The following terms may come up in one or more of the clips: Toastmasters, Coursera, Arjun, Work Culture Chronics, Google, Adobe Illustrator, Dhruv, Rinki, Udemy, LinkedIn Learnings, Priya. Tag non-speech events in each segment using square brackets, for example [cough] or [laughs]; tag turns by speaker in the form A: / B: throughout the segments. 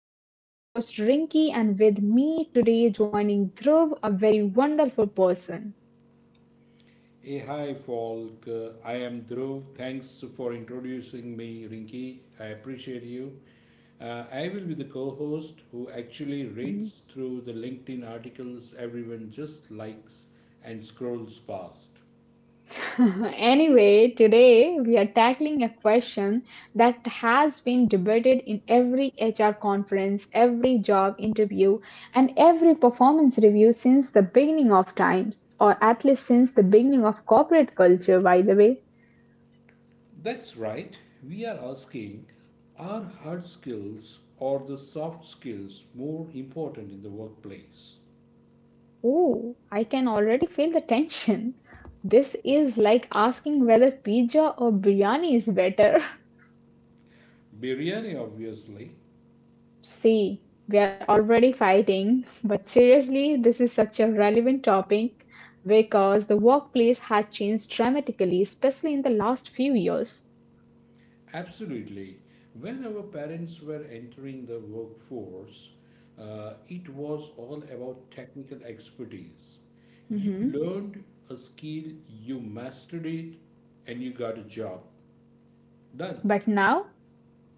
A: And I am your host, Rinky, and with me today, joining Dhruv, a very wonderful person.
B: Hey, hi, folk. I am Dhruv. Thanks for introducing me, Rinki. I appreciate you. I will be the co host who actually
A: Mm-hmm.
B: reads through the LinkedIn articles everyone just likes and scrolls past.
A: [laughs] Anyway, today we are tackling a question that has been debated in every HR conference, every job interview, and every performance review since the beginning of times, or at least since the beginning of corporate culture, by the way.
B: That's right, we are asking are hard skills or the soft skills more important in the workplace?
A: Oh, I can already feel the tension. This is like asking whether pizza or biryani is better. [laughs]
B: Biryani, obviously.
A: See, we are already fighting, but seriously, this is such a relevant topic because the workplace had changed dramatically, especially in the last few years.
B: Absolutely. When our parents were entering the workforce, it was all about technical expertise. You
A: Mhm.
B: learned a skill, you mastered it, and you got a job. Done.
A: But now,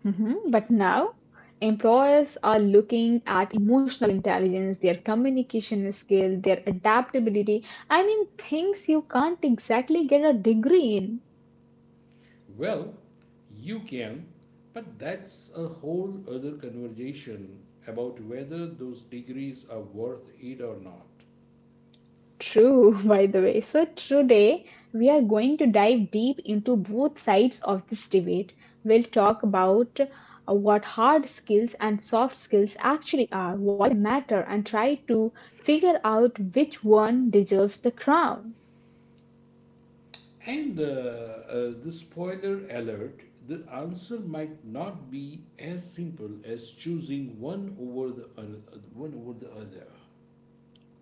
A: mhm, but now, employers are looking at emotional intelligence, their communication skill, their adaptability. I mean, things you can't exactly get a degree in.
B: Well, you can, but that's a whole other conversation about whether those degrees are worth it or not.
A: True, [laughs] by the way. So, today we are going to dive deep into both sides of this debate. We'll talk about what hard skills and soft skills actually are, why they matter, and try to figure out which one deserves the crown.
B: And The spoiler alert, the answer might not be as simple as choosing one over one over the other.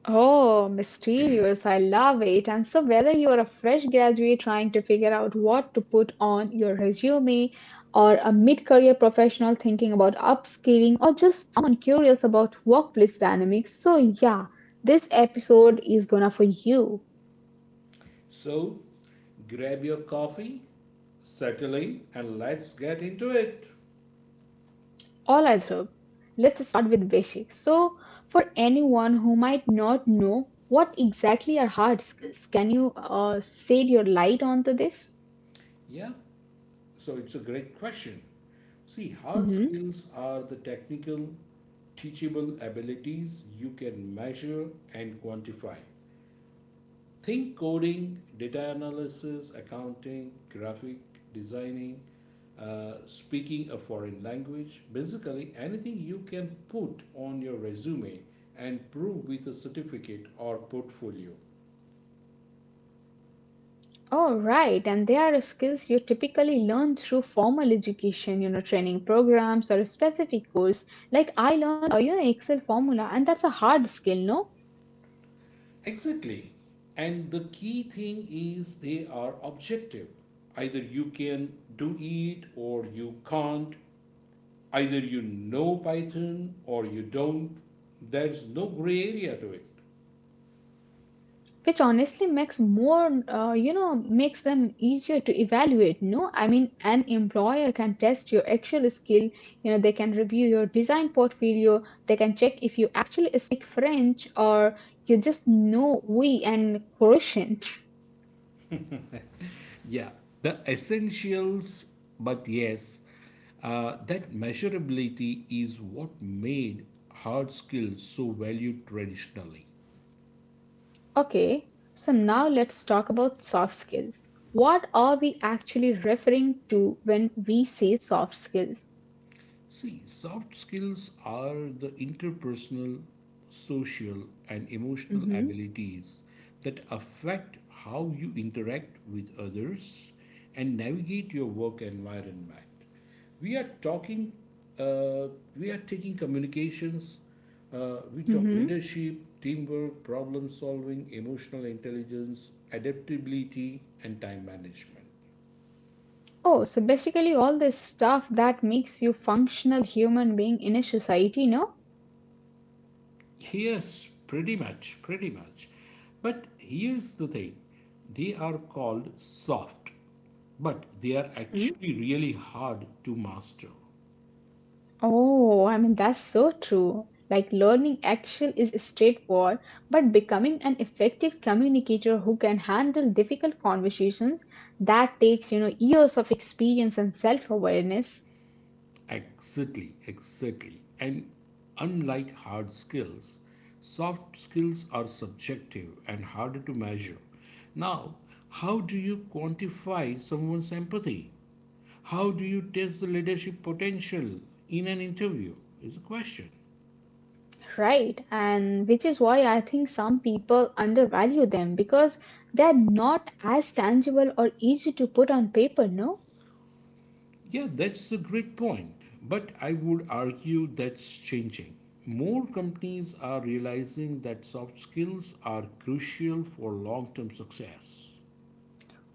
A: Oh, mysterious. I love it. And so, whether you're a fresh graduate trying to figure out what to put on your resume, or a mid career professional thinking about upskilling, or just someone curious about workplace dynamics, so yeah, this episode is gonna for you.
B: So grab your coffee, settle in, and let's get into it.
A: All I hope. Let's start with basics. So, for anyone who might not know what exactly are hard skills, can you shed your light onto this?
B: Yeah, so it's a great question. See, hard
A: Mm-hmm.
B: skills are the technical, teachable abilities you can measure and quantify. Think coding, data analysis, accounting, graphic designing, speaking a foreign language, basically anything you can put on your resume and prove with a certificate or portfolio.
A: Oh, right. And they are skills you typically learn through formal education, you know, training programs or a specific course. Like I learned you know, Excel formula, and that's a hard skill, no?
B: Exactly. And the key thing is they are objective. Either you can do it or you can't. Either you know Python or you don't. There's no gray area to it.
A: Which honestly makes more, you know, makes them easier to evaluate, no? I mean, an employer can test your actual skill. You know, they can review your design portfolio. They can check if you actually speak French or you just know we and quotient.
B: Yeah, the essentials, but yes, that measurability is what made hard skills so valued traditionally.
A: Okay, so now let's talk about soft skills. What are we actually referring to when we say soft skills?
B: See, soft skills are the interpersonal, social, and emotional
A: Hmm.
B: abilities that affect how you interact with others and navigate your work environment. We are talking, uh, we are taking communications, we talk
A: Hmm.
B: leadership, teamwork, problem solving, emotional intelligence, adaptability, and time management.
A: Oh, so basically all this stuff that makes you functional human being in a society, no?
B: Yes, pretty much. But here's the thing, they are called soft, but they are
A: Hmm.
B: actually really hard to master.
A: Oh, I mean that's so true. Like learning Excel is straightforward, but becoming an effective communicator who can handle difficult conversations, that takes, you know, years of experience and self-awareness.
B: Exactly. And unlike hard skills, soft skills are subjective and harder to measure. Now, how do you quantify someone's empathy? How do you test the leadership potential in an interview? Is a question.
A: Right, and which is why I think some people undervalue them because they're not as tangible or easy to put on paper, no?
B: Yeah, that's a great point. But I would argue that's changing. More companies are realizing that soft skills are crucial for long term success.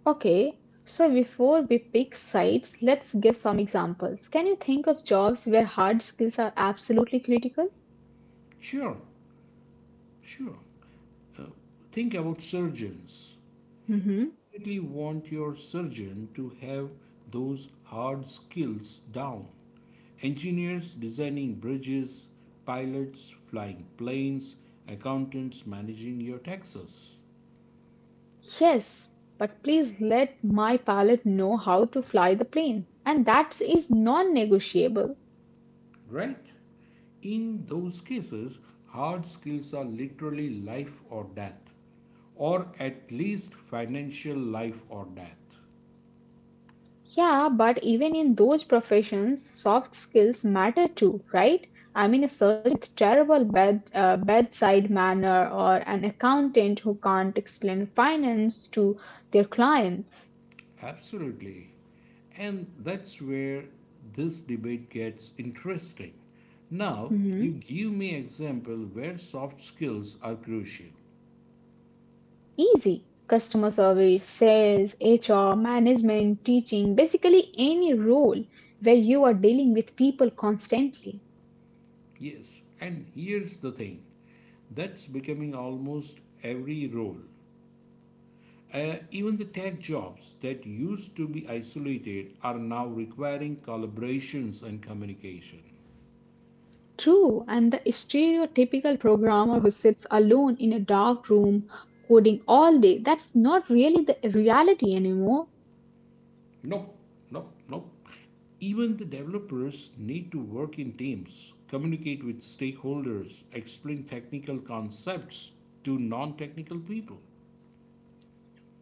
A: Okay, so before we pick sites, let's give some examples. Can you think of jobs where hard skills are absolutely critical?
B: Sure, sure. Think about surgeons.
A: Hmm.
B: You really want your surgeon to have those hard skills down. Engineers designing bridges, pilots flying planes, accountants managing your taxes.
A: Yes, but please let my pilot know how to fly the plane, and that is non negotiable.
B: Right? In those cases, hard skills are literally life or death, or at least financial life or death.
A: Yeah, but even in those professions, soft skills matter too, right? I mean, a surgeon with terrible bedside manner or an accountant who can't explain finance to their clients.
B: Absolutely. And that's where this debate gets interesting. Now, you
A: Mhm.
B: give me example where soft skills are crucial.
A: Easy. Customer service, sales, HR, management, teaching, basically any role where you are dealing with people constantly.
B: Yes, and here's the thing. That's becoming almost every role. Even the tech jobs that used to be isolated are now requiring collaborations and communication.
A: True, and the stereotypical programmer who sits alone in a dark room coding all day, that's not really the reality anymore.
B: Nope, nope, Nope. Even the developers need to work in teams, communicate with stakeholders, explain technical concepts to non technical people.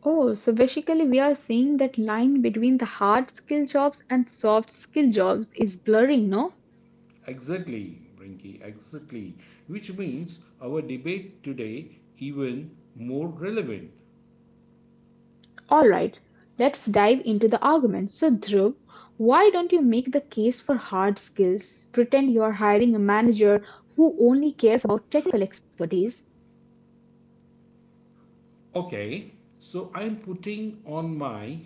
A: Oh, so basically, we are saying that line between the hard skill jobs and soft skill jobs is blurring, no?
B: Exactly, Brinky, exactly. Which means our debate today even more relevant.
A: Alright, let's dive into the argument. So, Dhruv, why don't you make the case for hard skills? Pretend you are hiring a manager who only cares about technical expertise.
B: Okay, so I'm putting on my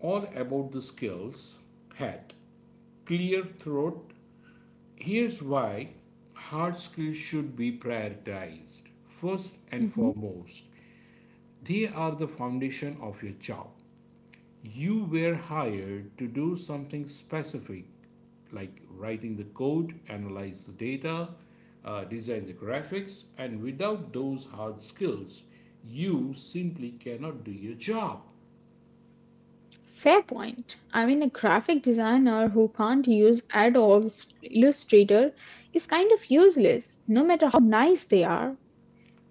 B: all about the skills hat, clear throat. Here's why hard skills should be prioritized. First and
A: Mm-hmm.
B: foremost, they are the foundation of your job. You were hired to do something specific, like writing the code, analyze the data, design the graphics, and without those hard skills you simply cannot do your job.
A: Fair point. I mean, a graphic designer who can't use Adobe Illustrator is kind of useless, no matter how nice they are.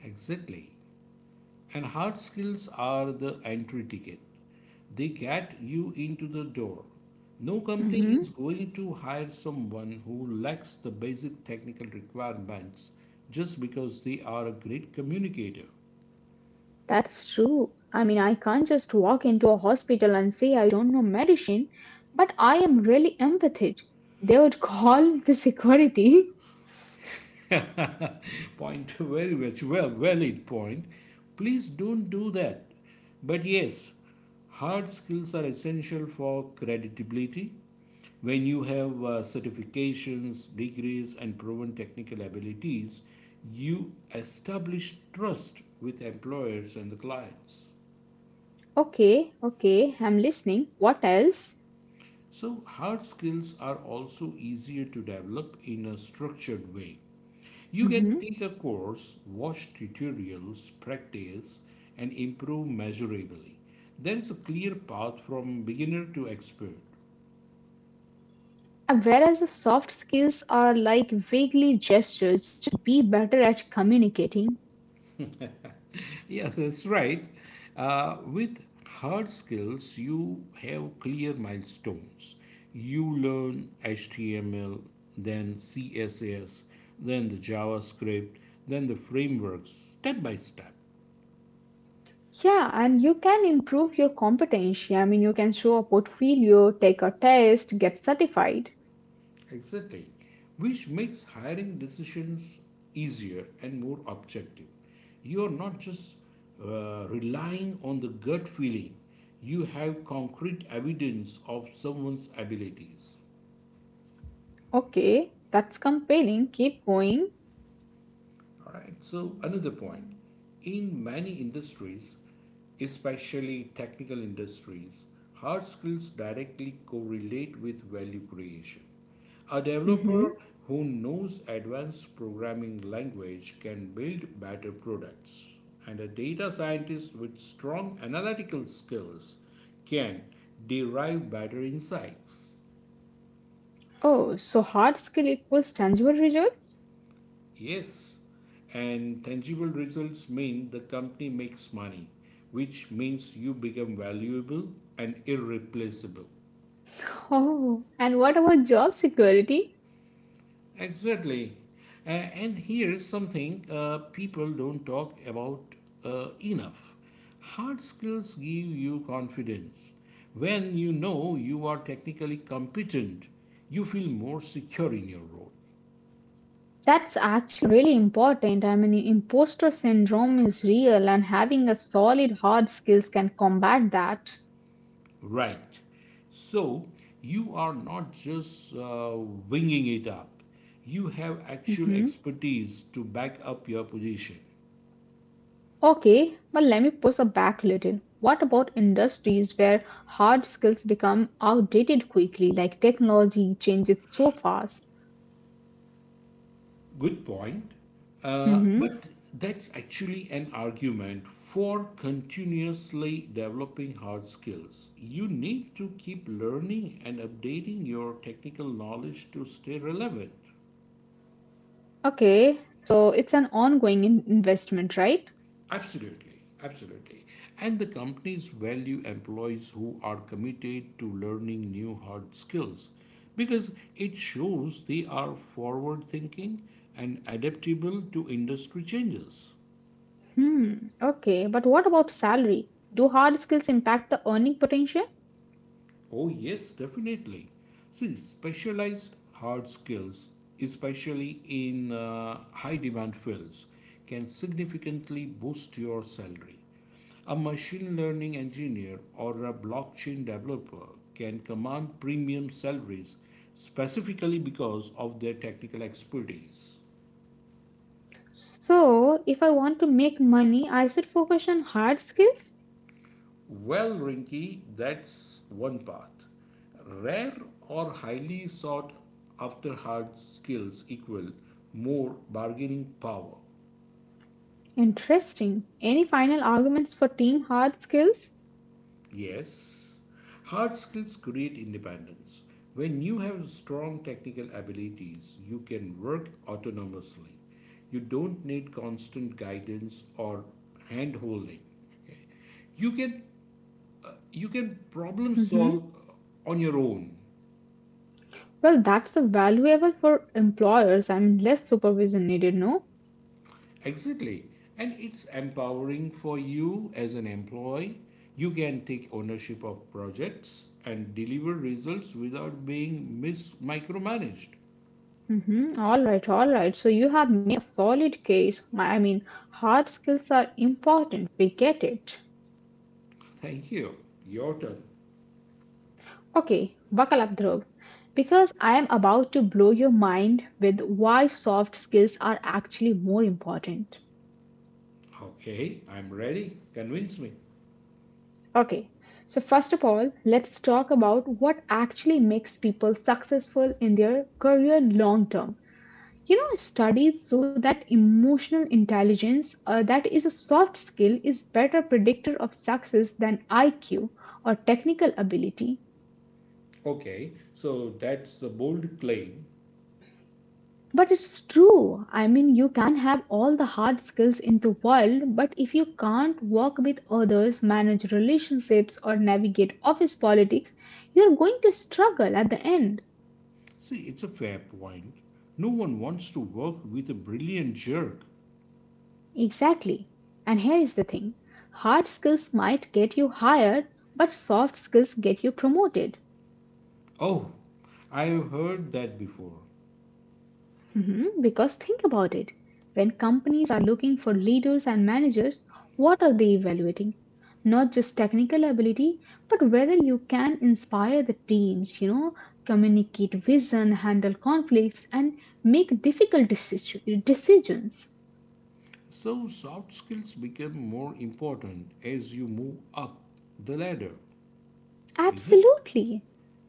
B: Exactly. And hard skills are the entry ticket. They get you into the door. No company is
A: Hmm.
B: going to hire someone who lacks the basic technical requirements just because they are a great communicator.
A: That's true. I mean, I can't just walk into a hospital and say I don't know medicine, but I am really empathic. They would call the security. [laughs]
B: [laughs] Point very much well valid point, please don't do that. But yes, hard skills are essential for credibility. When you have certifications, degrees, and proven technical abilities, you establish trust with employers and the clients.
A: Okay, okay, I'm listening. What else?
B: So hard skills are also easier to develop in a structured way. You can
A: Hmm.
B: take a course, watch tutorials, practice, and improve measurably. There is a clear path from beginner to expert. [laughs]
A: Whereas the soft skills are like vaguely gestures, just be better at communicating.
B: Yes, that's right. With hard skills, you have clear milestones. You learn HTML, then CSS, then the JavaScript, then the frameworks, step by step.
A: Yeah, and you can improve your competency. I mean, you can show a portfolio, take a test, get certified.
B: Exactly, which makes hiring decisions easier and more objective. You're not just relying on the gut feeling, you have concrete evidence of someone's abilities.
A: Okay, that's compelling. Keep going.
B: All right. So another point, in many industries, especially technical industries, hard skills directly correlate with value creation. A developer
A: Hmm.
B: who knows advanced programming language can build better products, and a data scientist with strong analytical skills can derive better insights.
A: Oh, so hard skill equals tangible results?
B: Yes, and tangible results mean the company makes money, which means you become valuable and irreplaceable.
A: [laughs] Oh, and what about job security?
B: Exactly. Uh, and here's something people don't talk about enough. Hard skills give you confidence. When you know you are technically competent, you feel more secure in your role.
A: That's actually really important. I mean, imposter syndrome is real, and having a solid hard skills can combat that.
B: Right. So you are not just winging it up, you have actual
A: Mm-hmm.
B: expertise to back up your position.
A: Okay, well, let me push it back a little. What about industries where hard skills become outdated quickly, like technology changes so fast?
B: Good point.
A: Hmm.
B: But that's actually an argument for continuously developing hard skills. You need to keep learning and updating your technical knowledge to stay relevant.
A: Okay, so it's an ongoing investment, right?
B: Absolutely. And the companies value employees who are committed to learning new hard skills because it shows they are forward thinking and adaptable to industry changes.
A: Hmm. Okay, but what about salary? Do hard skills impact the earning potential?
B: Oh, yes, definitely. See, specialized hard skills, especially in high demand fields, can significantly boost your salary. A machine learning engineer or a blockchain developer can command premium salaries specifically because of their technical expertise.
A: So, if I want to make money, I should focus on hard skills?
B: Well, Rinky, that's one part. Rare or highly sought after hard skills equal more bargaining power.
A: Interesting. Any final arguments for team hard skills?
B: Yes, hard skills create independence. When you have strong technical abilities, you can work autonomously. You don't need constant guidance or hand holding. Okay. You can you can problem
A: Mm-hmm.
B: solve on your own.
A: Well, that's a valuable for employers and less supervision needed, no?
B: Exactly. And it's empowering for you as an employee. You can take ownership of projects and deliver results without being micromanaged.
A: Mm-hmm. All right, all right. So you have made a solid case. I mean, hard skills are important. We get it.
B: Thank you. Your turn.
A: Okay, buckle up, Dhruv, because I am about to blow your mind with why soft skills are actually more important.
B: Okay, I'm ready. Convince me.
A: Okay, so first of all, let's talk about what actually makes people successful in their career long term. You know, studies show that emotional intelligence, that is a soft skill, is better predictor of success than IQ or technical ability.
B: Okay, so that's the bold claim.
A: But it's true. I mean, you can have all the hard skills in the world, but if you can't work with others, manage relationships, or navigate office politics, you're going to struggle at the end.
B: See, it's a fair point. No one wants to work with a brilliant jerk.
A: Exactly. And here is the thing, hard skills might get you hired, but soft skills get you promoted.
B: Oh, I've heard that before.
A: Mhm. Because think about it. When companies are looking for leaders and managers, what are they evaluating? Not just technical ability, but whether you can inspire the teams, you know, communicate vision, handle conflicts, and make difficult decisions.
B: So, soft skills become more important as you move up the ladder, is it?
A: Absolutely.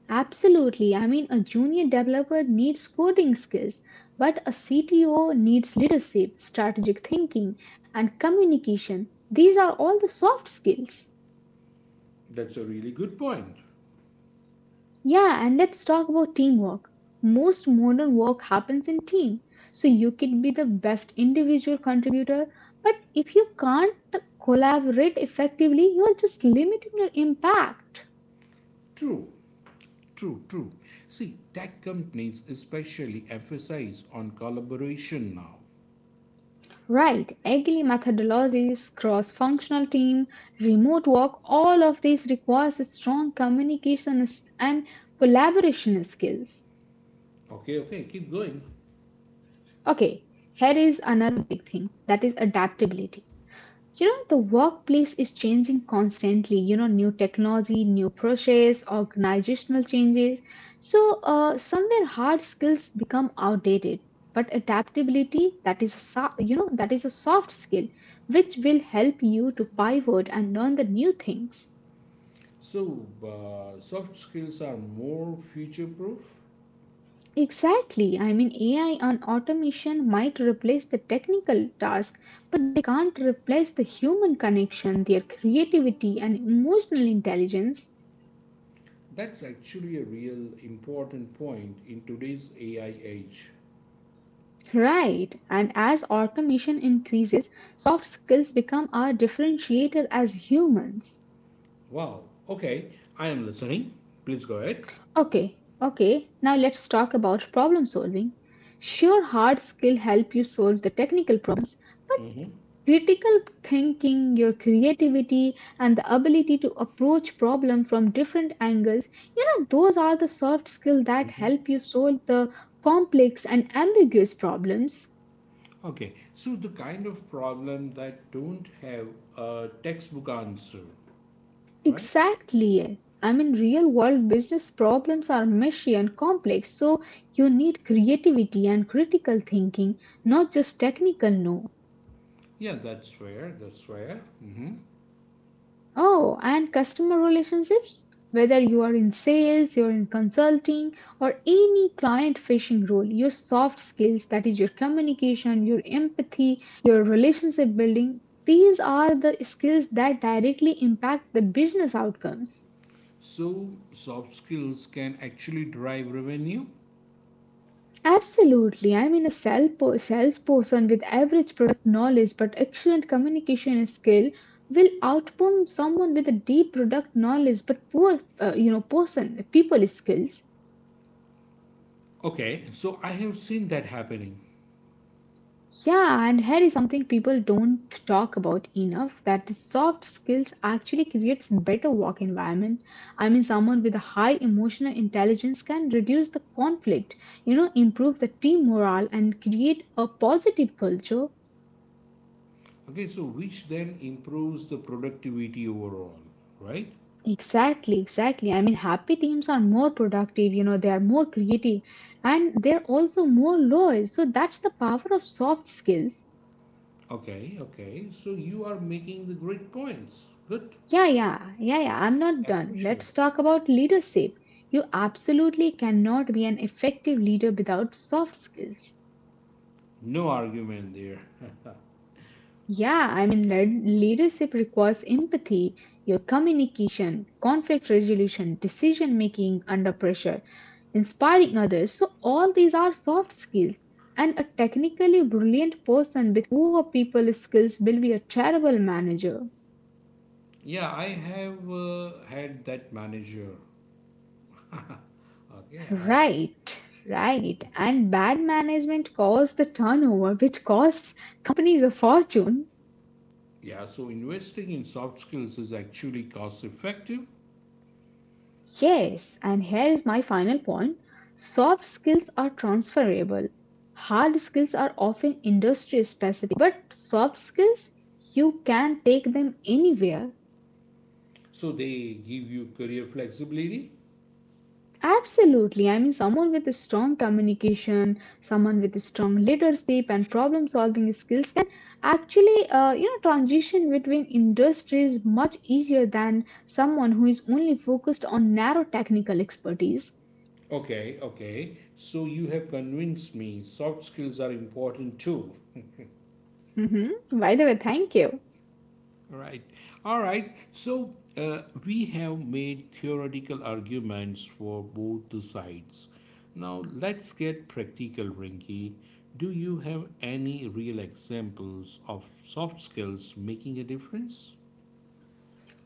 A: Absolutely. I mean, a junior developer needs coding skills, but a CTO needs leadership, strategic thinking, and communication. These are all the soft skills.
B: That's a really good point.
A: Yeah, and let's talk about teamwork. Most modern work happens in team. So you could be the best individual contributor, but if you can't collaborate effectively, you're just limiting your impact.
B: True, True. See, tech companies especially emphasize on collaboration now.
A: Right, agile methodologies, cross functional team, remote work, all of these requires a strong and collaboration skills.
B: Okay, okay, keep going.
A: Okay, here is another big thing that is adaptability. You know, the workplace is changing constantly, you know, new technology, new process, organizational changes. So, somewhere hard skills become outdated, but adaptability, that is a, you know, that is a soft skill which will help you to pivot and learn the new things.
B: So, soft skills are more future proof?
A: Exactly. I mean, AI and automation might replace the technical task. But they can't replace the human connection, their creativity, and emotional intelligence.
B: That's actually a real important point in today's AI age.
A: Right, and as automation increases, soft skills become our differentiator as humans.
B: Wow, okay, I am listening. Please go ahead.
A: Okay, okay, now let's talk about problem solving. Sure, hard skill help you solve the technical problem, but
B: Mhm.
A: critical thinking, your creativity, and the ability to approach problem from different angles, you know, those are the soft skill that help you solve the complex and ambiguous problems.
B: Okay, so the kind of problem that don't have a textbook answer, right?
A: Exactly. I mean, real world business problems are messy and complex, so you need creativity and critical thinking, not just technical know.
B: That's fair. Hmm.
A: Oh, and customer relationships? Whether you are in sales, you're in consulting, or any client facing role, your soft skills, that is your communication, your empathy, your relationship building, these are the skills that directly impact the business outcomes.
B: So soft skills can actually drive revenue.
A: Absolutely. I mean, a salesperson with average product knowledge but excellent communication skill will outperform someone with a deep product knowledge but poor, you know, person people skills.
B: Okay, so I have seen that happening.
A: Yeah, and here is something people don't talk about enough, that is soft skills actually creates better work environment. I mean, someone with a high emotional intelligence can reduce the conflict, you know, improve the team morale and create a positive culture.
B: Okay, so which then improves the productivity overall, right?
A: Exactly, exactly. I mean, happy teams are more productive, you know, they are more creative and they're also more loyal. So that's the power of soft skills.
B: Okay, okay. So you are making the great points. Good.
A: Yeah, yeah, yeah, yeah. I'm not done.
B: Appreciate
A: Let's
B: it.
A: talk about leadership. You absolutely cannot be an effective leader without soft skills.
B: No argument there.
A: Yeah, I mean, leadership requires empathy, your communication, conflict resolution, decision making under pressure, inspiring others. So, all these are soft skills. And a technically brilliant person with poor people skills will be a terrible manager.
B: Yeah, I have had that manager. Okay, I,
A: Right, right. And bad management causes the turnover, which costs companies a fortune.
B: yeah, so investing in soft skills is actually cost effective.
A: Yes, and here is my final point. Soft skills are transferable. Hard skills are often industry specific, but soft skills, you can take them anywhere.
B: So they give you career flexibility.
A: Absolutely. I mean, someone with a strong communication, someone with a strong leadership and problem solving skills can actually, you know, transition between industries much easier than someone who is only focused on narrow technical expertise.
B: Okay. So you have convinced me soft skills are important too.
A: [laughs] By the way, thank you.
B: Right. All right. So we have made theoretical arguments for both the sides. Now let's get practical, Rinky. Do you have any real examples of soft skills making a difference?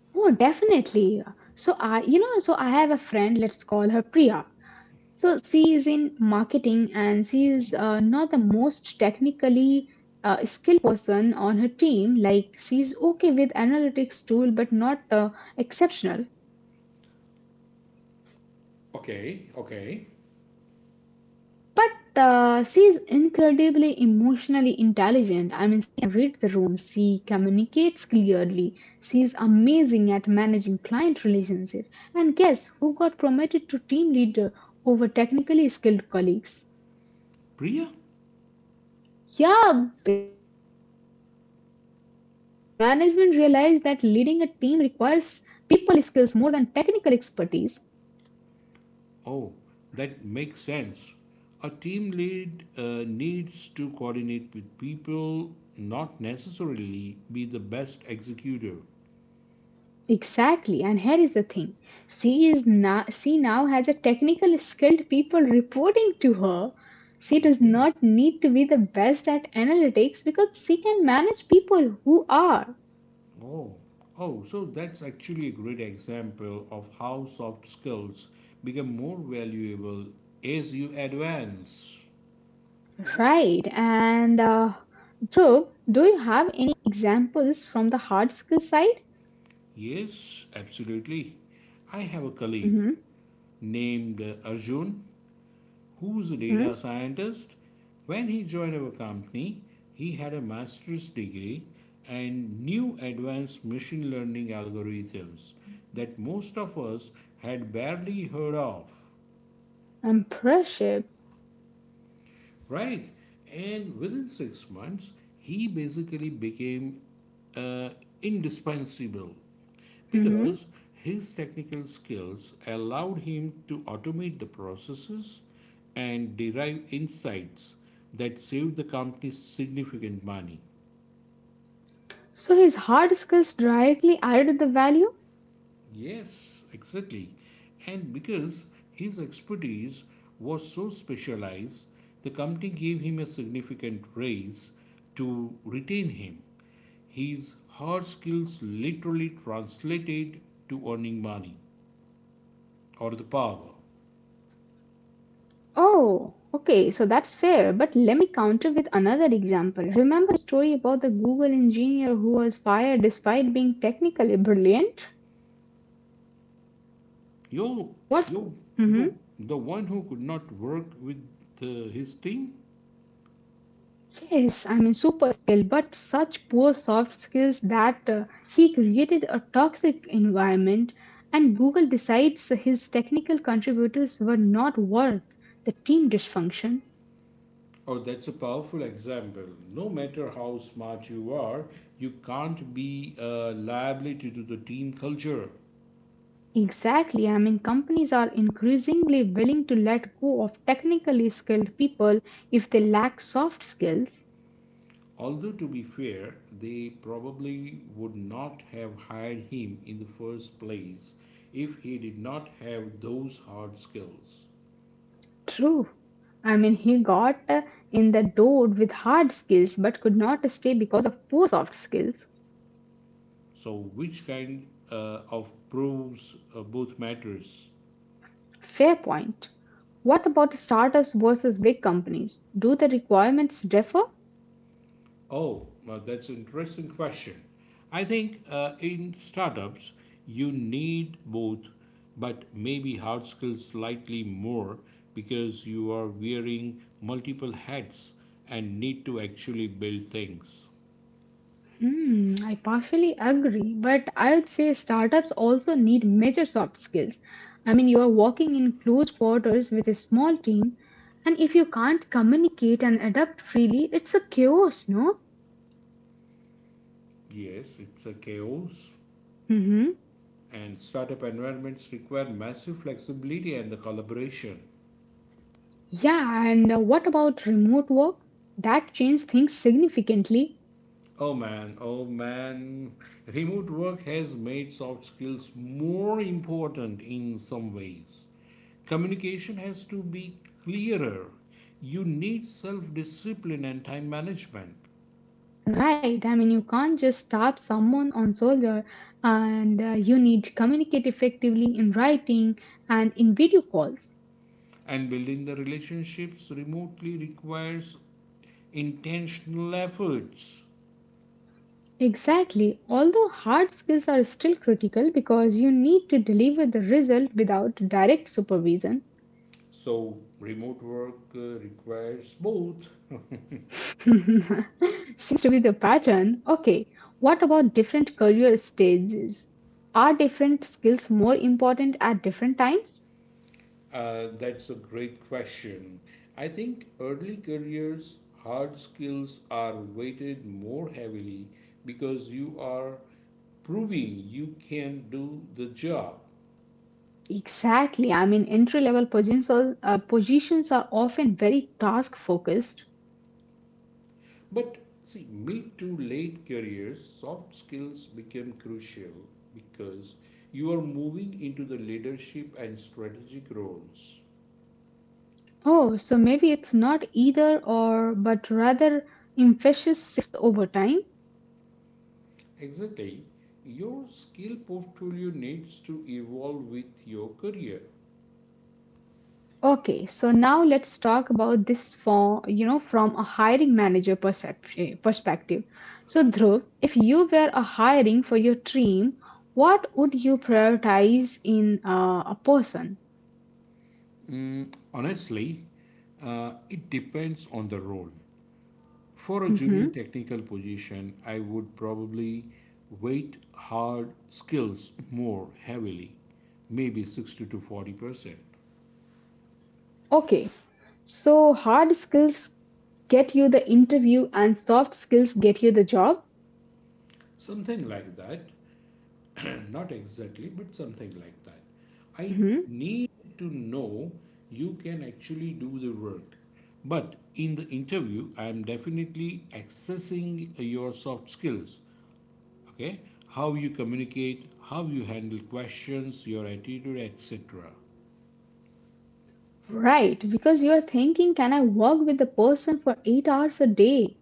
A: Oh, definitely. So I have a friend, let's call her Priya. So she is in marketing and she is
B: Mhm.
A: not the most technically skilled person on her team. Like she's okay with analytics tool, but not exceptional.
B: Okay.
A: But she's incredibly emotionally intelligent. I mean, she can read the room. She communicates clearly. She's amazing at managing client relationships. And guess who got promoted to team leader over technically skilled colleagues?
B: Priya?
A: Yeah, because management realized that leading a team requires people skills more than technical expertise.
B: Oh, that makes sense. A team lead needs to coordinate with people, not necessarily be the best executor.
A: Exactly, and here is the thing. She now has a technical skilled people reporting to her. She does
B: Okay.
A: not need to be the best at analytics because she can manage people who are.
B: Oh, oh, so that's actually a great example of how soft skills become more valuable as you advance.
A: Right. And Dhruv, do you have any examples from the hard skill side?
B: Yes, absolutely. I have a colleague
A: Mm-hmm.
B: named Arjun who's a
A: Mm-hmm.
B: data scientist. When he joined our company, he had a master's degree and new advanced machine learning algorithms that most of us had barely heard of.
A: Impressive.
B: Right? And within 6 months, he basically became uh, indispensable
A: Mm-hmm.
B: because his technical skills allowed him to automate the processes and derive insights that saved the company significant money.
A: So his hard skills directly added to the value.
B: Yes, exactly. And because his expertise was so specialized, the company gave him a significant raise to retain him. His hard skills literally translated to earning money or the power.
A: Oh, okay, so that's fair. But let me counter with another example. Remember the story about the Google engineer who was fired despite being technically brilliant?
B: Yo,
A: What?
B: yo,
A: Hmm.
B: Yo, the one who could not work with his team.
A: Yes, I mean, super skilled, but such poor soft skills that he created a toxic environment, and Google decides his technical contributors were not worth the team dysfunction.
B: Oh, that's a powerful example. No matter how smart you are, you can't be a liability to the team culture.
A: Exactly. I mean, companies are increasingly willing to let go of technically skilled people if they lack soft skills.
B: Although, to be fair, they probably would not have hired him in the first place if he did not have those hard skills.
A: True. I mean, he got in the door with hard skills but could not stay because of poor soft skills.
B: So, which kind of proves both matters?
A: Fair point. What about startups versus big companies? Do the requirements differ?
B: Oh, well, that's an interesting question. I think in startups, you need both, but maybe hard skills slightly more because you are wearing multiple hats and need to actually build things.
A: Hmm, I partially agree, but I'd say startups also need major soft skills. I mean, you are working in close quarters with a small team, and if you can't communicate and adapt freely, it's a chaos, no?
B: Yes, it's a chaos,
A: Mm-hmm.
B: and startup environments require massive flexibility and the collaboration.
A: Yeah, and what about remote work? That changed things significantly,
B: Oh man. Remote work has made soft skills more important in some ways. Communication has to be clearer. You need self discipline and time management.
A: right? I mean, you can't just tap someone on shoulder, and you need to communicate effectively in writing and in video calls.
B: And building the relationships remotely requires intentional efforts.
A: Exactly. Although hard skills are still critical because you need to deliver the result without direct supervision.
B: So, remote work requires both.
A: [laughs] Seems to be the pattern. Okay, what about different career stages? Are different skills more important at different times?
B: That's a great question. I think early careers, hard skills are weighted more heavily because you are proving you can do the job.
A: Exactly. I mean, entry level positions, positions are often very task focused.
B: But see, mid to late careers, soft skills become crucial because you are moving into the leadership and strategic roles.
A: Oh, so maybe it's not either or, but rather emphasis shifts over time.
B: Exactly, your skill portfolio needs to evolve with your career.
A: Okay, so now let's talk about this for you know from a hiring manager perception perspective. So Dhruv, if you were a hiring for your team, what would you prioritize in a person?
B: Honestly, it depends on the role. For a junior
A: Mhm.
B: technical position, I would probably weight hard skills more heavily, maybe 60 to 40%.
A: Okay, so hard skills get you the interview and soft skills get you the job.
B: Something like that. [clears throat] Not exactly, but something like that. I
A: Mhm.
B: need to know you can actually do the work. But in the interview, I am definitely accessing your soft skills. Okay, how you communicate, how you handle questions, your attitude, etc.
A: Right, because you're thinking, can I work with the person for eight hours a day?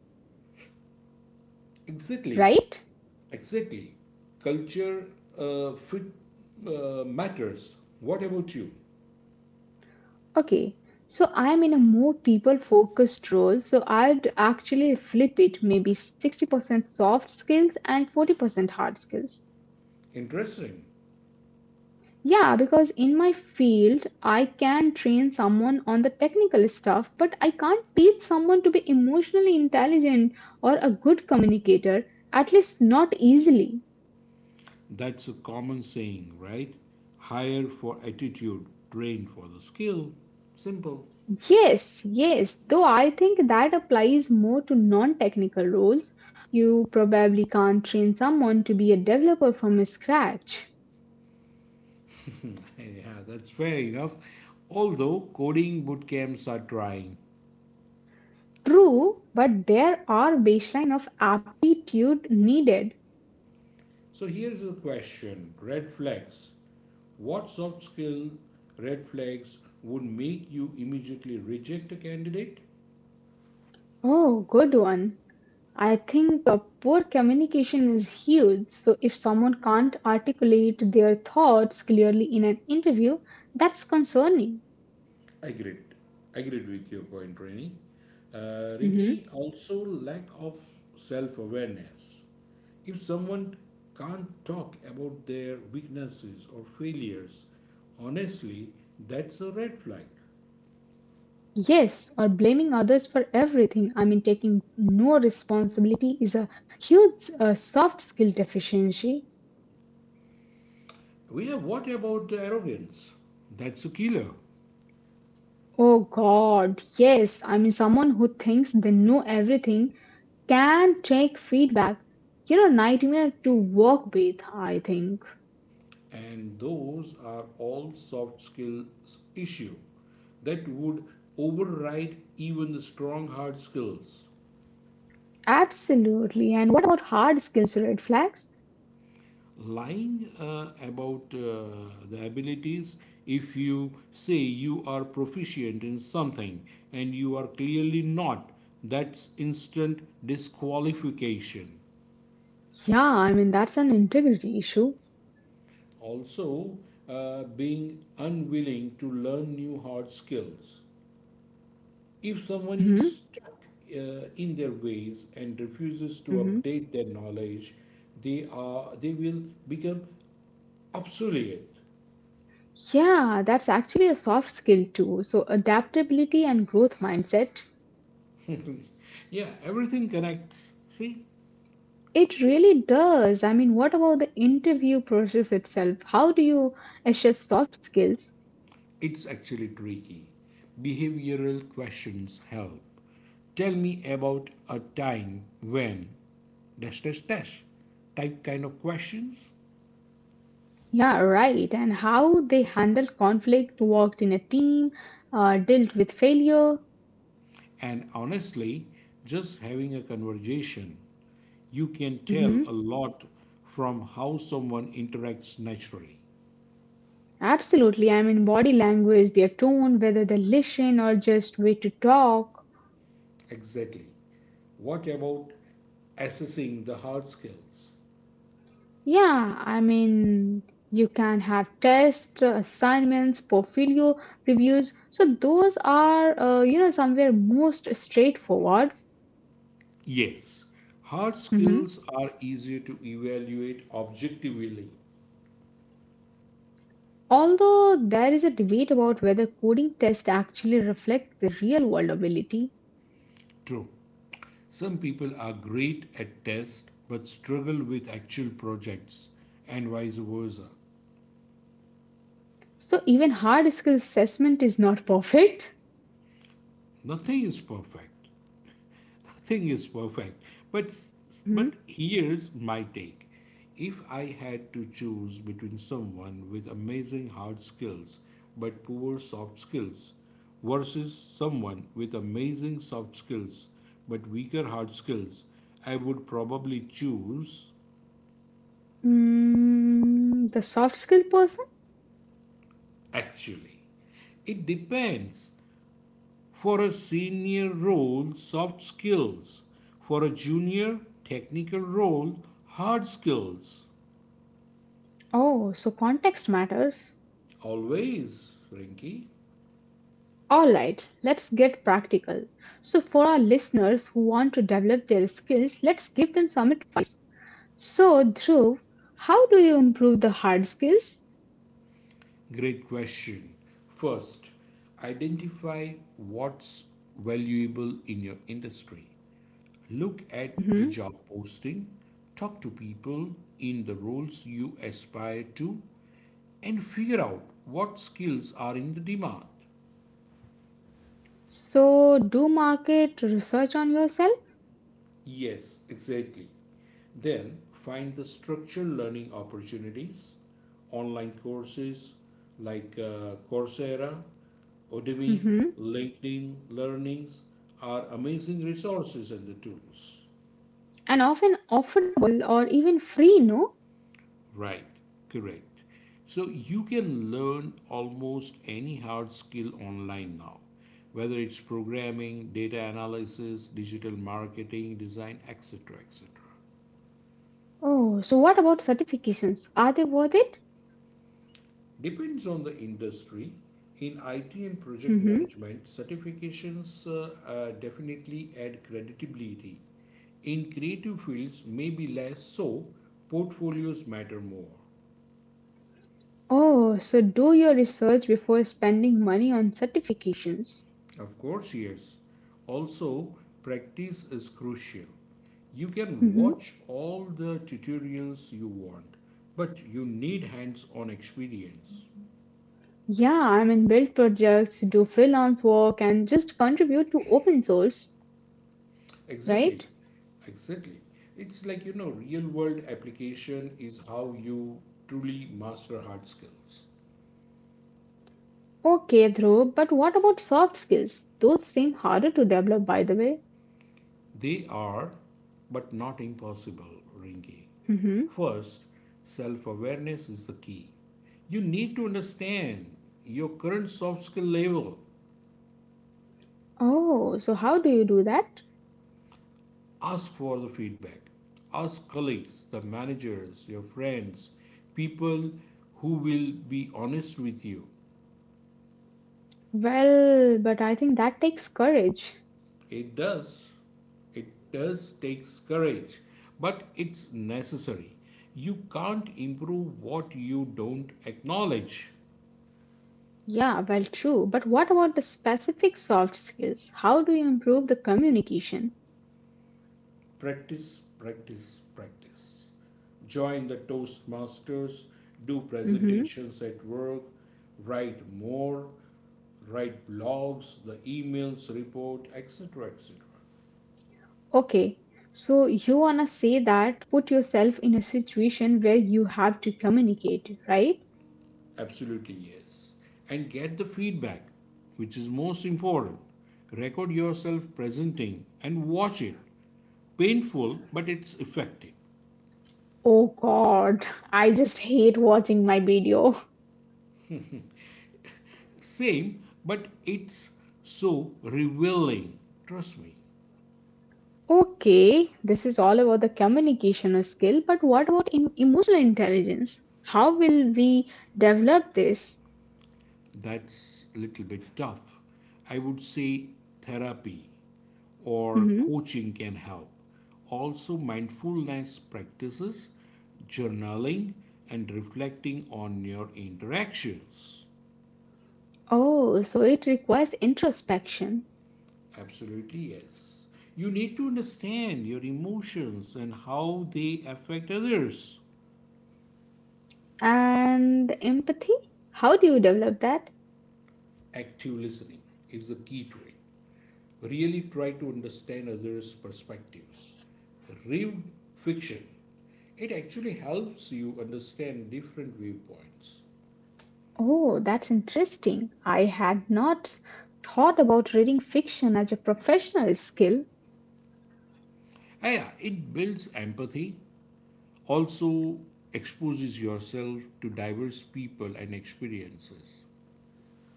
B: Exactly,
A: Right?
B: exactly. Culture fit matters. What about you?
A: Okay, so I'm in a more people focused role, so I'd actually flip it maybe 60% soft skills and 40% hard skills.
B: Interesting.
A: Yeah, because in my field, I can train someone on the technical stuff, but I can't teach someone to be emotionally intelligent or a good communicator, at least not easily.
B: That's a common saying, right? Hire for attitude, train for the skill. Simple.
A: Yes, yes, though I think that applies more to non technical roles. You probably can't train someone to be a developer from scratch.
B: [laughs] Yeah, that's fair enough, although coding boot camps are trying.
A: True, but there are baseline of aptitude needed.
B: So here's the question: red flags. What soft skill red flags would make you immediately reject a candidate?
A: Oh, good one. I think poor communication is huge. So if someone can't articulate their thoughts clearly in an interview, that's concerning.
B: I agreed. I agreed with your point, Rini.
A: Mm-hmm.
B: Rinki, also lack of self awareness. If someone can't talk about their weaknesses or failures, honestly, that's a red flag.
A: Yes, or blaming others for everything. I mean, taking no responsibility is a huge soft skill deficiency.
B: We have, what about arrogance? That's a killer.
A: Oh God, yes. I mean, someone who thinks they know everything can take feedback. You know, nightmare to work with, I think.
B: And those are all soft skills issue that would override even the strong hard skills.
A: Absolutely. And what about hard skills, red flags?
B: Lying about the abilities. If you say you are proficient in something and you are clearly not, that's instant disqualification.
A: Yeah, I mean, that's an integrity issue.
B: Also, being unwilling to learn new hard skills. If someone is
A: Hmm.
B: stuck in their ways and refuses to
A: Hmm.
B: update their knowledge, they will become obsolete.
A: Yeah, that's actually a soft skill too. So, adaptability and growth mindset.
B: [laughs] Yeah, everything connects. See,
A: It really does. I mean, what about the interview process itself? How do you assess soft skills?
B: it's actually tricky. Behavioral questions help. Tell me about a time when dash dash dash type kind of questions.
A: Yeah, right. And how they handle conflict, worked in a team, dealt with failure.
B: And honestly, just having a conversation, you can tell a
A: Hmm.
B: lot from how someone interacts naturally.
A: Absolutely. I mean, body language, their tone, whether they listen or just way to talk.
B: Exactly. What about assessing the hard skills?
A: Yeah, I mean, you can have tests, assignments, portfolio reviews. So those are, you know, somewhere most straightforward.
B: Yes, hard skills
A: Mhm.
B: are easier to evaluate objectively.
A: Although there is a debate about whether coding tests actually reflect the real world ability,
B: True. Some people are great at tests but struggle with actual projects, and vice versa.
A: so even hard skill assessment is not perfect.
B: Nothing is perfect. Nothing is perfect, but but
A: Mhm.
B: here's my take: if I had to choose between someone with amazing hard skills but poor soft skills versus someone with amazing soft skills but weaker hard skills, I would probably choose,
A: Mm, the soft skill person?
B: actually it depends. For a senior role, soft skills. For a junior, technical role, hard skills.
A: Oh, so context matters.
B: Always, Rinky.
A: All right, let's get practical. So, for our listeners who want to develop their skills, let's give them some advice. So, Dhruv, how do you improve the hard skills?
B: Great question. First, identify what's valuable in your industry. Look at the
A: Mhm.
B: job posting, talk to people in the roles you aspire to, and figure out what skills are in the demand.
A: So, do market research on yourself?
B: Yes, exactly. Then find the structured learning opportunities, online courses like Coursera, Udemy,
A: Mhm.
B: LinkedIn Learnings are amazing resources and the tools.
A: And often affordable or even free, no?
B: Right, correct. So you can learn almost any hard skill online now, whether it's programming, data analysis, digital marketing, design, etc. etc.
A: Oh, so what about certifications? Are they worth it?
B: Depends on the industry. In IT and project
A: Mm-hmm.
B: management, certifications definitely add credibility. In creative fields, maybe less so, portfolios matter more.
A: Oh, so do your research before spending money on certifications.
B: Of course, yes. Also, practice is crucial. You can
A: Mm-hmm.
B: watch all the tutorials you want, but you need hands on experience.
A: Yeah, I mean, build projects, do freelance work, and just contribute to open source,
B: Exactly,
A: right?
B: exactly. It's like, you know, real world application is how you truly master hard skills.
A: Okay, Dhruv, but what about soft skills? Those seem harder to develop, by the way.
B: They are, but not impossible, Rinki.
A: Mm-hmm.
B: First, self awareness is the key. You need to understand your current soft skill level.
A: Oh, so how do you do that?
B: Ask for the feedback. Ask colleagues, the managers, your friends, people who will be honest with you.
A: Well, but I think that takes courage.
B: It does. It does takes courage, but it's necessary. You can't improve what you don't acknowledge.
A: Yeah, well, true. But what about the specific soft skills? How do you improve the communication?
B: Practice, practice, practice. Join the Toastmasters, do
A: Hmm.
B: presentations at work, write more, write blogs, the emails, report, etc. etc.
A: Okay, so you wanna say that put yourself in a situation where you have to communicate, right?
B: Absolutely, yes. And get the feedback, which is most important. Record yourself presenting and watch it. Painful, but it's effective.
A: Oh God, [laughs] I just hate watching my video. [laughs]
B: Same, but it's so revealing. Trust me,
A: Okay, this is all about the communication skill, but what about in emotional intelligence? How will we develop this?
B: that's a little bit tough. I would say therapy or
A: Hmm.
B: coaching can help. Also, mindfulness practices, journaling, and reflecting on your interactions.
A: Oh, so it requires introspection.
B: Absolutely, yes. You need to understand your emotions and how they affect others.
A: And empathy? How do you develop that?
B: Active listening is the key to it. Really try to understand others' perspectives. Read fiction. It actually helps you understand different viewpoints.
A: Oh, that's interesting. I had not thought about reading fiction as a professional skill.
B: Ah, yeah, it builds empathy, also exposes yourself to diverse people and experiences.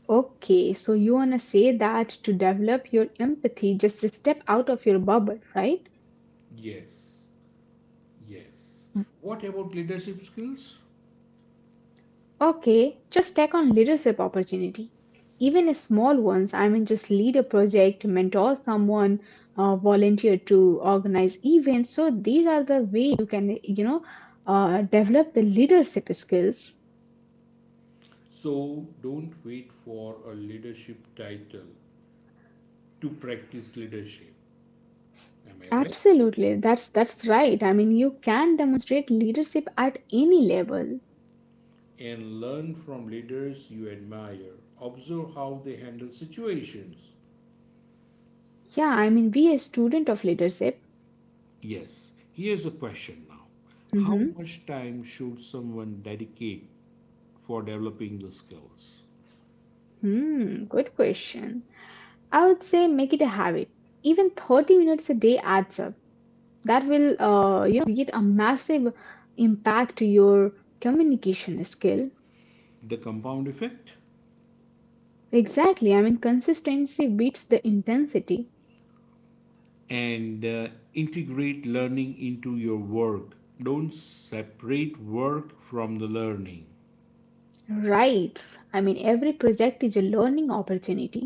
A: Okay, so you wanna say that to develop your empathy, just to step out of your bubble, right?
B: Yes, yes. What about leadership skills?
A: Okay, just take on leadership opportunity. Even a small ones, I mean, just lead a project, mentor someone, volunteer to organize events. So these are the way you can, you know, develop the leadership skills.
B: So don't wait for a leadership title to practice leadership. Am I right?
A: Absolutely, that's right. I mean, you can demonstrate leadership at any level.
B: And learn from leaders you admire. Observe how they handle situations.
A: Yeah, I mean, be a student of leadership.
B: Yes, here's a question now. How
A: Mm-hmm.
B: much time should someone dedicate for developing the skills?
A: Hmm, good question. I would say make it a habit. Even 30 minutes a day adds up. That will you know create a massive impact to your communication skill.
B: The compound effect?
A: Exactly, I mean consistency beats the intensity.
B: And integrate learning into your work. Don't separate work from the learning.
A: Right, I mean every project is a learning opportunity.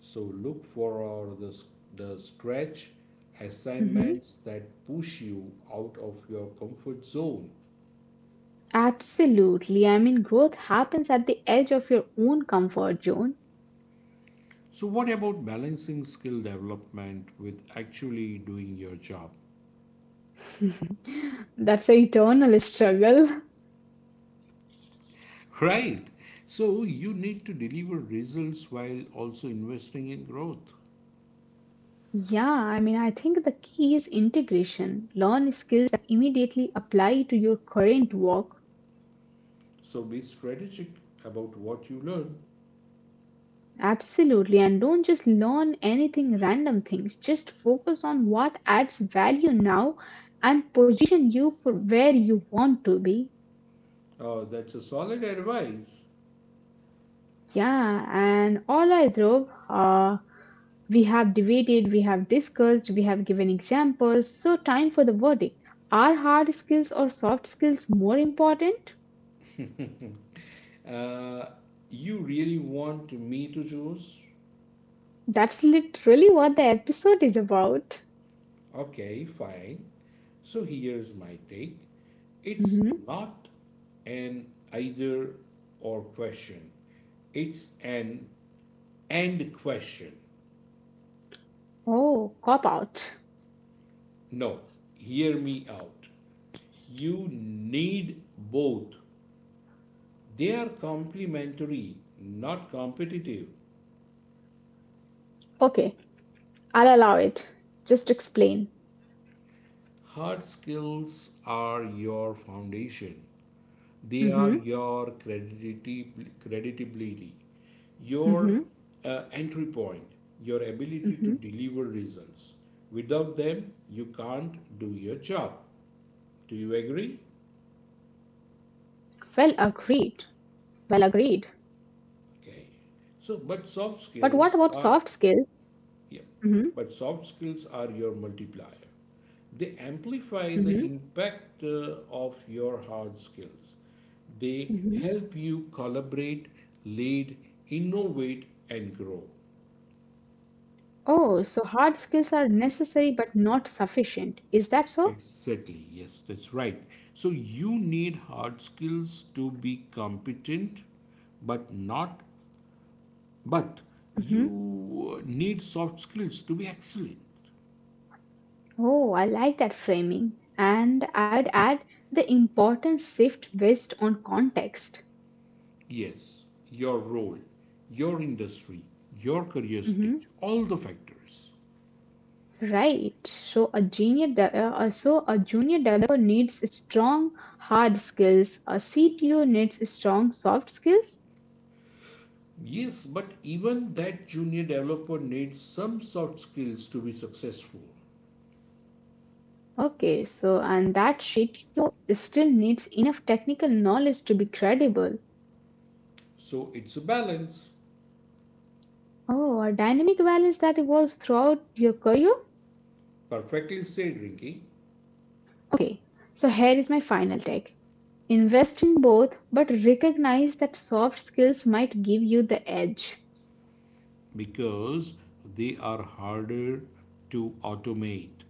B: So look for uh, the, the stretch
A: Mhm.
B: assignments that push you out of your comfort zone.
A: Absolutely, I mean growth happens at the edge of your own comfort zone.
B: So, what about balancing skill development with actually doing your job?
A: That's an eternal struggle.
B: Right. So, you need to deliver results while also investing in growth.
A: [laughs] Yeah, I mean I think the key is integration, learn skills that immediately apply to your current work.
B: So, be strategic about what you learn.
A: Absolutely, and don't just learn anything random things. Just focus on what adds value now and position you for where you want to be.
B: Oh, that's a solid advice.
A: Yeah, and all right, Dhruv, we have debated, we have discussed, we have given examples. So, time for the verdict. Are hard skills or soft skills more important?
B: Uh, you really want me to choose?
A: That's literally what the episode is about.
B: Okay, fine. So here's my take, it's
A: Mhm.
B: not an either or question, it's an and question.
A: Oh, cop out.
B: No, hear me out. You need both. They are complementary, not competitive.
A: Okay, I'll allow it. Just explain.
B: Hard skills are your foundation. They are
A: Mhm.
B: your creditability, your
A: Hmm.
B: entry point, your ability to
A: Hmm.
B: deliver results. Without them, you can't do your job. Do you agree?
A: Well agreed. Well agreed.
B: Okay.
A: But
B: So,
A: what
B: but
A: about
B: soft
A: soft skills?
B: skills are,
A: Hmm.
B: yep, but soft skills are your multiplier. They
A: Hmm.
B: amplify the impact of your hard skills. They
A: Hmm.
B: help you collaborate, lead, innovate, and grow.
A: Oh, so hard skills are necessary but not sufficient. Is that so?
B: Exactly, yes, that's right. So you need hard skills to be competent, but not, but
A: Hmm.
B: you need soft skills to be excellent.
A: Oh, I like that framing. And I'd add the importance shift based on context.
B: Yes, your role, your industry, your career stage,
A: Hmm.
B: all the factors.
A: Right. So a junior, so a junior developer needs strong hard skills. A CTO needs strong soft skills.
B: Yes, but even that junior developer needs some soft skills to be successful.
A: Okay, so and that sheet still needs enough technical knowledge to be credible.
B: So it's a balance.
A: Oh, or dynamic values that evolves throughout your career?
B: Perfectly said, Rinky.
A: Okay, so here is my final take. Invest in both, but recognize that soft skills might give you the edge.
B: Because they are harder to automate.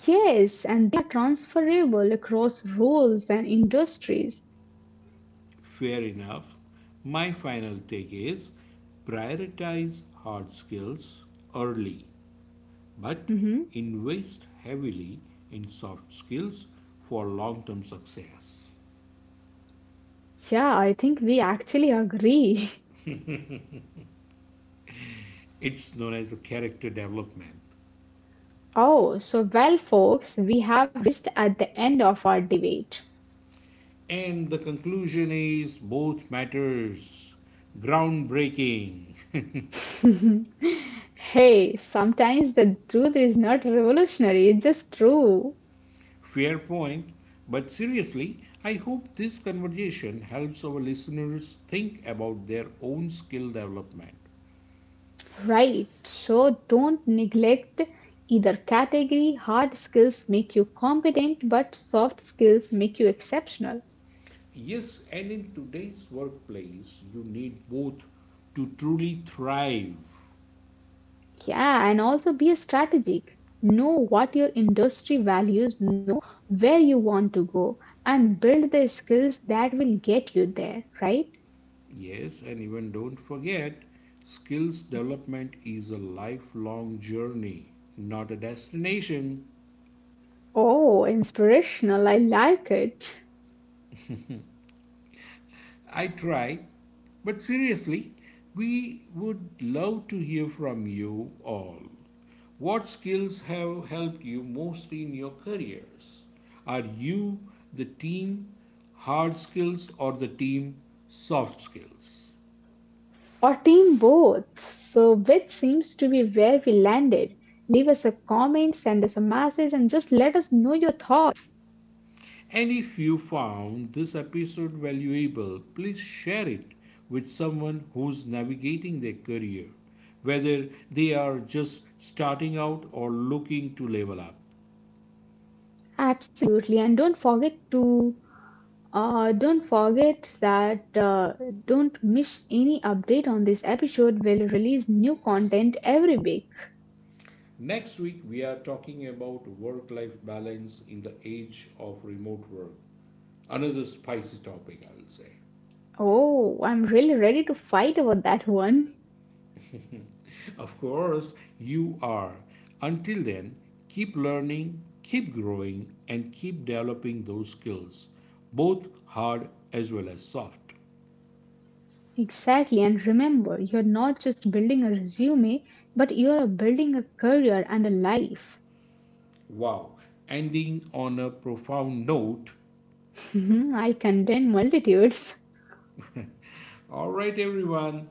A: Yes, and they are transferable across roles and industries.
B: Fair enough. My final take is prioritize hard skills early, but
A: Hmm.
B: invest heavily in soft skills for long term success.
A: Yeah, I think we actually agree. [laughs]
B: It's known as a character development.
A: Oh, so well, folks, we have reached at the end of our debate.
B: And the conclusion is both matters. Groundbreaking. [laughs]
A: [laughs] Hey, sometimes the truth is not revolutionary, it's just true.
B: Fair point. But seriously, I hope this conversation helps our listeners think about their own skill development.
A: Right, so don't neglect either category. Hard skills make you competent, but soft skills make you exceptional.
B: Yes, and in today's workplace, you need both to truly thrive.
A: Yeah, and also be strategic. Know what your industry values, know where you want to go, and build the skills that will get you there, right?
B: Yes, and even don't forget, skills development is a lifelong journey, not a destination.
A: Oh, inspirational, I like it.
B: I tried, but seriously, we would love to hear from you all. What skills have helped you most in your careers? Are you the team hard skills or the team soft skills?
A: Or team both. So, which seems to be where we landed. Leave us a comment, send us a message, and just let us know your thoughts.
B: And if you found this episode valuable, please share it with someone who's navigating their career, whether they are just starting out or looking to level up.
A: Absolutely, and don't forget to don't forget that don't miss any update on this episode. We'll release new content every week.
B: Next week, we are talking about work life balance in the age of remote work. Another spicy topic, I will say.
A: Oh, I'm really ready to fight over that one.
B: Of course, you are. Until then, keep learning, keep growing, and keep developing those skills, both hard as well as soft.
A: Exactly, and remember, you're not just building a resume, but you're building a career and a life.
B: Wow, ending on a profound note.
A: Mhm, I contain multitudes.
B: All right, everyone,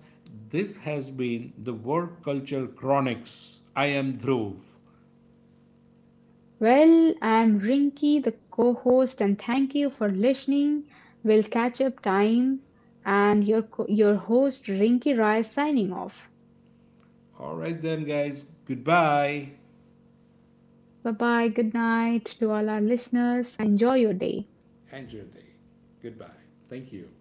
B: this has been the Work Culture Chronics. I am Dhruv.
A: Well, I'm Rinky, the co host, and thank you for listening. We'll catch up time. And your, your host, Rinky Rai, signing off.
B: All right, then, guys. Goodbye.
A: Bye bye. Good night to all our listeners. Enjoy your day.
B: Enjoy your day. Goodbye. Thank you.